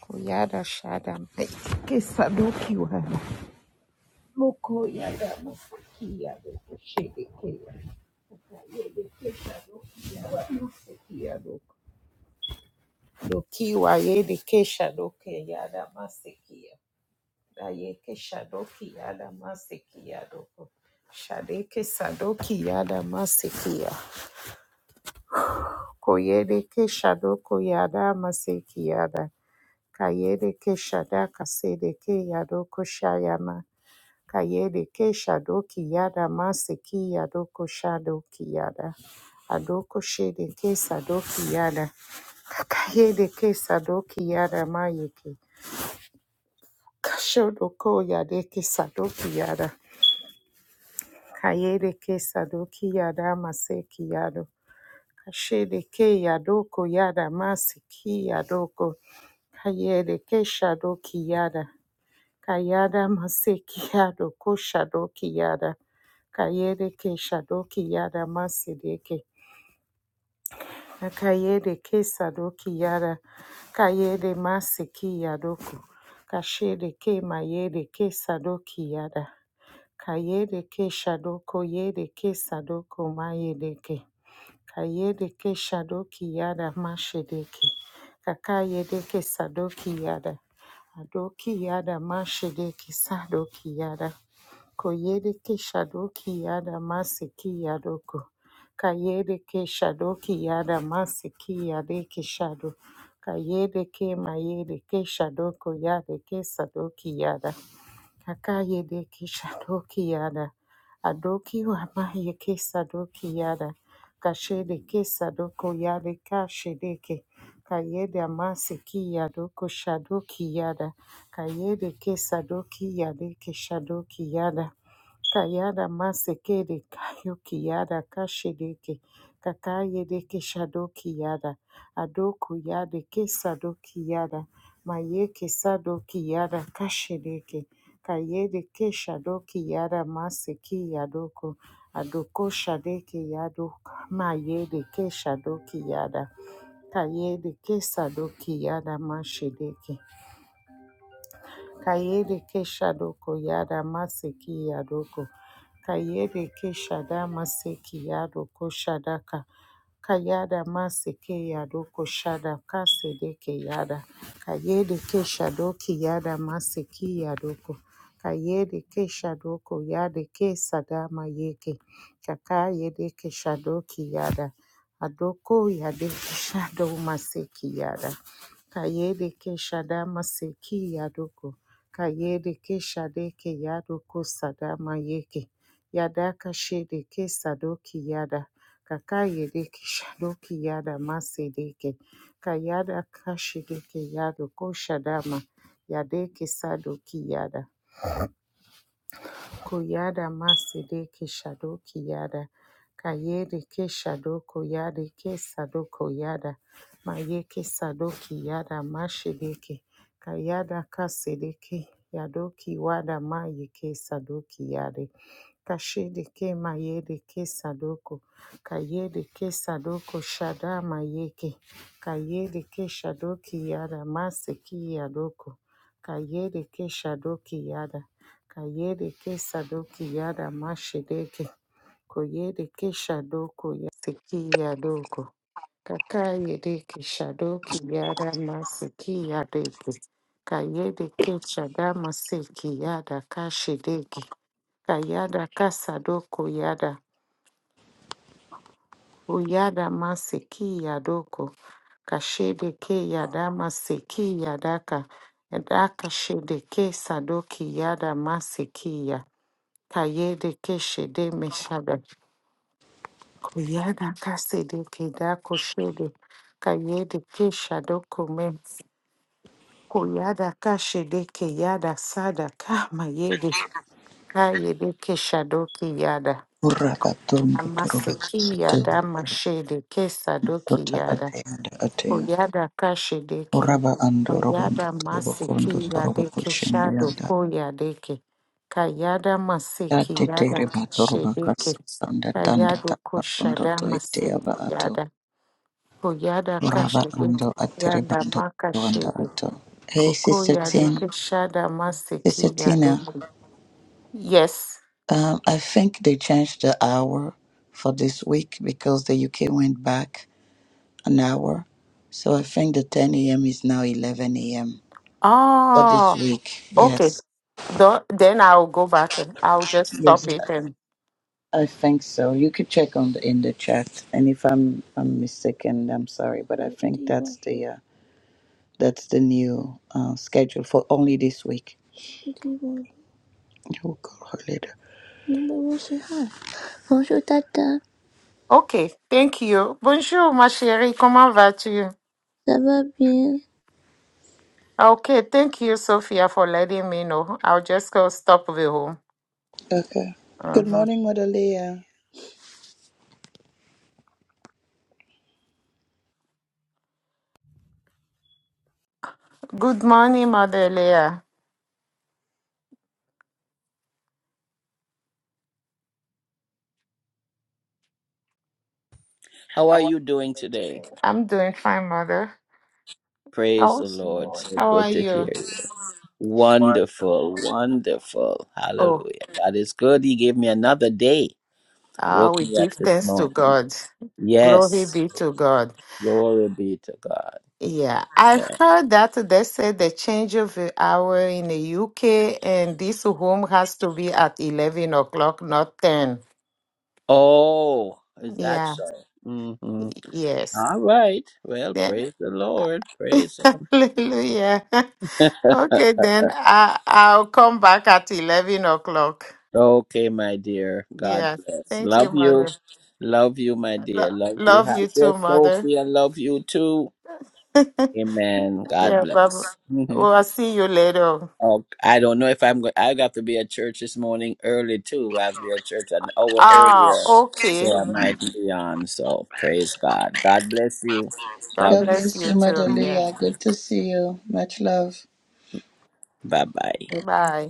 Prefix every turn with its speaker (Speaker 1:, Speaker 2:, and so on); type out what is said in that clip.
Speaker 1: Koyada shada kesadoki wa moko yada mosiki yado kushede ke mosiki yado doki wa yede kesha doke yada masiki da ye kesha doki yada masiki yado shade kesadoki yada masiki koyede kesha doko yada masiki kayede kesha da kasede ke yado kushayama Kayede Keshado Kiyada Maseki Yadoko Shado Kiyada Adoko Shede Kesado Kiyada Kayede Kesado Kiyada Mayeki Kashodoko Yade Kesado Kiyada Kayede Kesado Kiyada Maseki Yado Kashede Keyadoko Yada Maseki Yadoko Kayede Keshado Kiyada Kayada Masekiado Koshadoki Yada Kayede Ke Shadoki Yada Masedeke Kayede Ke Sadoki Yada Kayede Maseki Yadoku Kashede Ke Mayede Ke Sadoki Yada Kayede Ke Shadoko Yede Ke Sadoko Mayedeke Kayede Ke Shadoki Yada Mashedeke Kakayede Ke Sadoki Yada Adoki Yada Mashedeke Sadoki Yada Koyereke shadoki yada masiki yadoko. Kayereke shadoki yada masiki yadeke shado. Kayereke mayereke shadoko yadeke sadoki yada. Kakayede Kishadoki Yada Adoki Wamaye Kesadoki Yada Kashede Kesadoko Yade Kashedeke Kayede Amaseki Yadoko Shadoki Yada Kayede Kesadoki Yade Keshadoki Yada Kayada Masekede Kayoki Yada Kashedeke Kakayede Keshadoki Yada Adoku Yade Kesadoki Yada Maye Kesadoki Yada Kashedeke Kayede ke shado ki yada mase ki yadoko. Adoko shade ki yado mayede ke shado ki yada. Kayede ke sado ki yada mashedeke. Kayede Keshadoko Yada Maseki Yadoko. Kayede Keshada Maseki Yadoko Shadaka. Kayada Maseke Yadoko Shadaka Sedeke Yada. Kayede Keshadoki Yada Maseki Yadoko. Kayede Keshadoko Yade Kesadama Yeke. Kakayede Keshadoki Yada. Adoko Yade Keshado Maseki Yada. Kayede Keshada Maseki Yadoko. Kayede ke shadeke yado ko sadama yeke. Yadaka shede ke sadoki yada. Kakayede ke shadoki yada masedeke. Kayada kashideke yado ko shadama. Yadeke sadoki yada. Kuyada masede ke shado kiyada. Kayede ke shado koyade ke sado koyada. Maye ke sado kiyada mashede ke. Kayada kasede ke. Yado kiwada maye ke sado kiyade. Kashede ke mayede ke sadoko. Kayede ke sadoko shada mayeke. Kayede ke shadoki yada maseki yadoko. Kayede ke shadoki yada. Kayede ke sadoki yada mashedeke. Koyede ke shadoko yasiki yadoko. Kakayede ke shadoki yada masiki yadeke. Kayede ke shada masiki yada kashedeke. Kayada kasadoko yada. Uyada masiki yadoko. Kashede ke yada masiki yadaka. Yadaka shede ke sadoki yada masiki ya. Kayede keshede meshada. Kuyana kasede keda koshede. Kayede keshado kome. Kuyada kashede keyada sada kama yede. Kayede keshado kiyada.
Speaker 2: Uraba tondo
Speaker 1: Namase
Speaker 2: toroba tea.
Speaker 1: kiyada mashede kesado
Speaker 2: Tota atea da atea.
Speaker 1: Koyada kashedeke.
Speaker 2: Uraba ando robo ndo
Speaker 1: Kayada
Speaker 2: toroba
Speaker 1: masiki
Speaker 2: kondo toroba
Speaker 1: yadeke
Speaker 2: kushende
Speaker 1: shado
Speaker 2: yanda.
Speaker 1: koyadeke. Kayada
Speaker 2: Da
Speaker 1: masiki
Speaker 2: tete
Speaker 1: yada
Speaker 2: reba toroba
Speaker 1: kashedeke.
Speaker 2: kasa tanda tanda
Speaker 1: Kayado
Speaker 2: tanda kondo
Speaker 1: koshada
Speaker 2: to etea
Speaker 1: masiki
Speaker 2: ba ato.
Speaker 1: yada. Koyada
Speaker 2: Uraba
Speaker 1: kashedeke.
Speaker 2: ando atereba
Speaker 1: Yada
Speaker 2: ando ato anda
Speaker 1: makashede.
Speaker 2: ato. Hey,
Speaker 1: Koko
Speaker 2: Sister Tin.
Speaker 1: yadeke shada
Speaker 2: Sister
Speaker 1: masiki
Speaker 2: Tina,
Speaker 1: yadoko. Yes.
Speaker 2: um, I think they changed the hour for this week because the UK went back an hour. So I think the 10 a.m. is now 11 a.m. for this
Speaker 1: Oh,
Speaker 2: week.
Speaker 1: okay.
Speaker 2: Yes,
Speaker 1: Tho- then I'll go back and I'll just
Speaker 2: yes,
Speaker 1: stop it and
Speaker 2: I think so. You could check on the, in the chat, and if I'm I'm mistaken, I'm sorry, but I think that's the uh, that's the new uh, schedule for only this week. We'll call her later. Bonjour Tata,
Speaker 1: Okay, thank you. Bonjour, ma chérie. Comment vas-tu?
Speaker 2: ça va bien?
Speaker 1: Ah, Okay, thank you, Sophia, for letting me know. I'll just go stop the home.
Speaker 2: Okay. Good
Speaker 1: Mhm.
Speaker 2: morning, Mother Leah.
Speaker 1: Good morning, Mother Leah.
Speaker 3: How are you doing today?
Speaker 1: I'm doing fine, Mother.
Speaker 3: Praise the
Speaker 1: How,
Speaker 3: Lord. So
Speaker 1: how are
Speaker 3: good to hear
Speaker 1: you?
Speaker 3: you. Wonderful, wonderful.
Speaker 1: Oh,
Speaker 3: Hallelujah. God is good. He gave me another day.
Speaker 1: uh,
Speaker 3: Woke
Speaker 1: we
Speaker 3: me up
Speaker 1: give
Speaker 3: this
Speaker 1: thanks to
Speaker 3: morning.
Speaker 1: God. Glory
Speaker 3: Yes.
Speaker 1: be to God.
Speaker 3: Glory be to God.
Speaker 1: Yeah, I
Speaker 3: Man.
Speaker 1: heard that they said the change of the hour in the UK and this home has to be at 11 o'clock, not 10.
Speaker 3: Oh, is that
Speaker 1: Yeah,
Speaker 3: so? Mm-hmm.
Speaker 1: yes.
Speaker 3: All right. Well, praise the Lord. Praise Him.
Speaker 1: Hallelujah. Okay, then I, I'll come back at 11 o'clock.
Speaker 3: Okay, my dear. God
Speaker 1: Yes.
Speaker 3: bless.
Speaker 1: Thank you,
Speaker 3: Love you.
Speaker 1: Mother.
Speaker 3: Love you, my dear.
Speaker 1: Lo-
Speaker 3: Love you.
Speaker 1: love
Speaker 3: Hi
Speaker 1: you too,
Speaker 3: there,
Speaker 1: Mother.
Speaker 3: Sophie. I love you too.
Speaker 1: yeah,
Speaker 3: Amen. God
Speaker 1: Baba.
Speaker 3: bless. hmm
Speaker 1: Well, I'll see you later.
Speaker 3: Oh, I don't know if I'm going. I got to be at church this morning early too. I'll be at church an hour earlier,
Speaker 1: Ah, okay.
Speaker 3: so I might be on. So praise God. God bless you.
Speaker 1: God
Speaker 3: Love.
Speaker 2: God
Speaker 3: you.
Speaker 1: bless
Speaker 2: bless
Speaker 1: you
Speaker 2: you,
Speaker 1: too.
Speaker 2: Mother
Speaker 1: Yeah.
Speaker 2: Leah. Good to see you. Much love.
Speaker 3: Bye bye.
Speaker 1: Bye.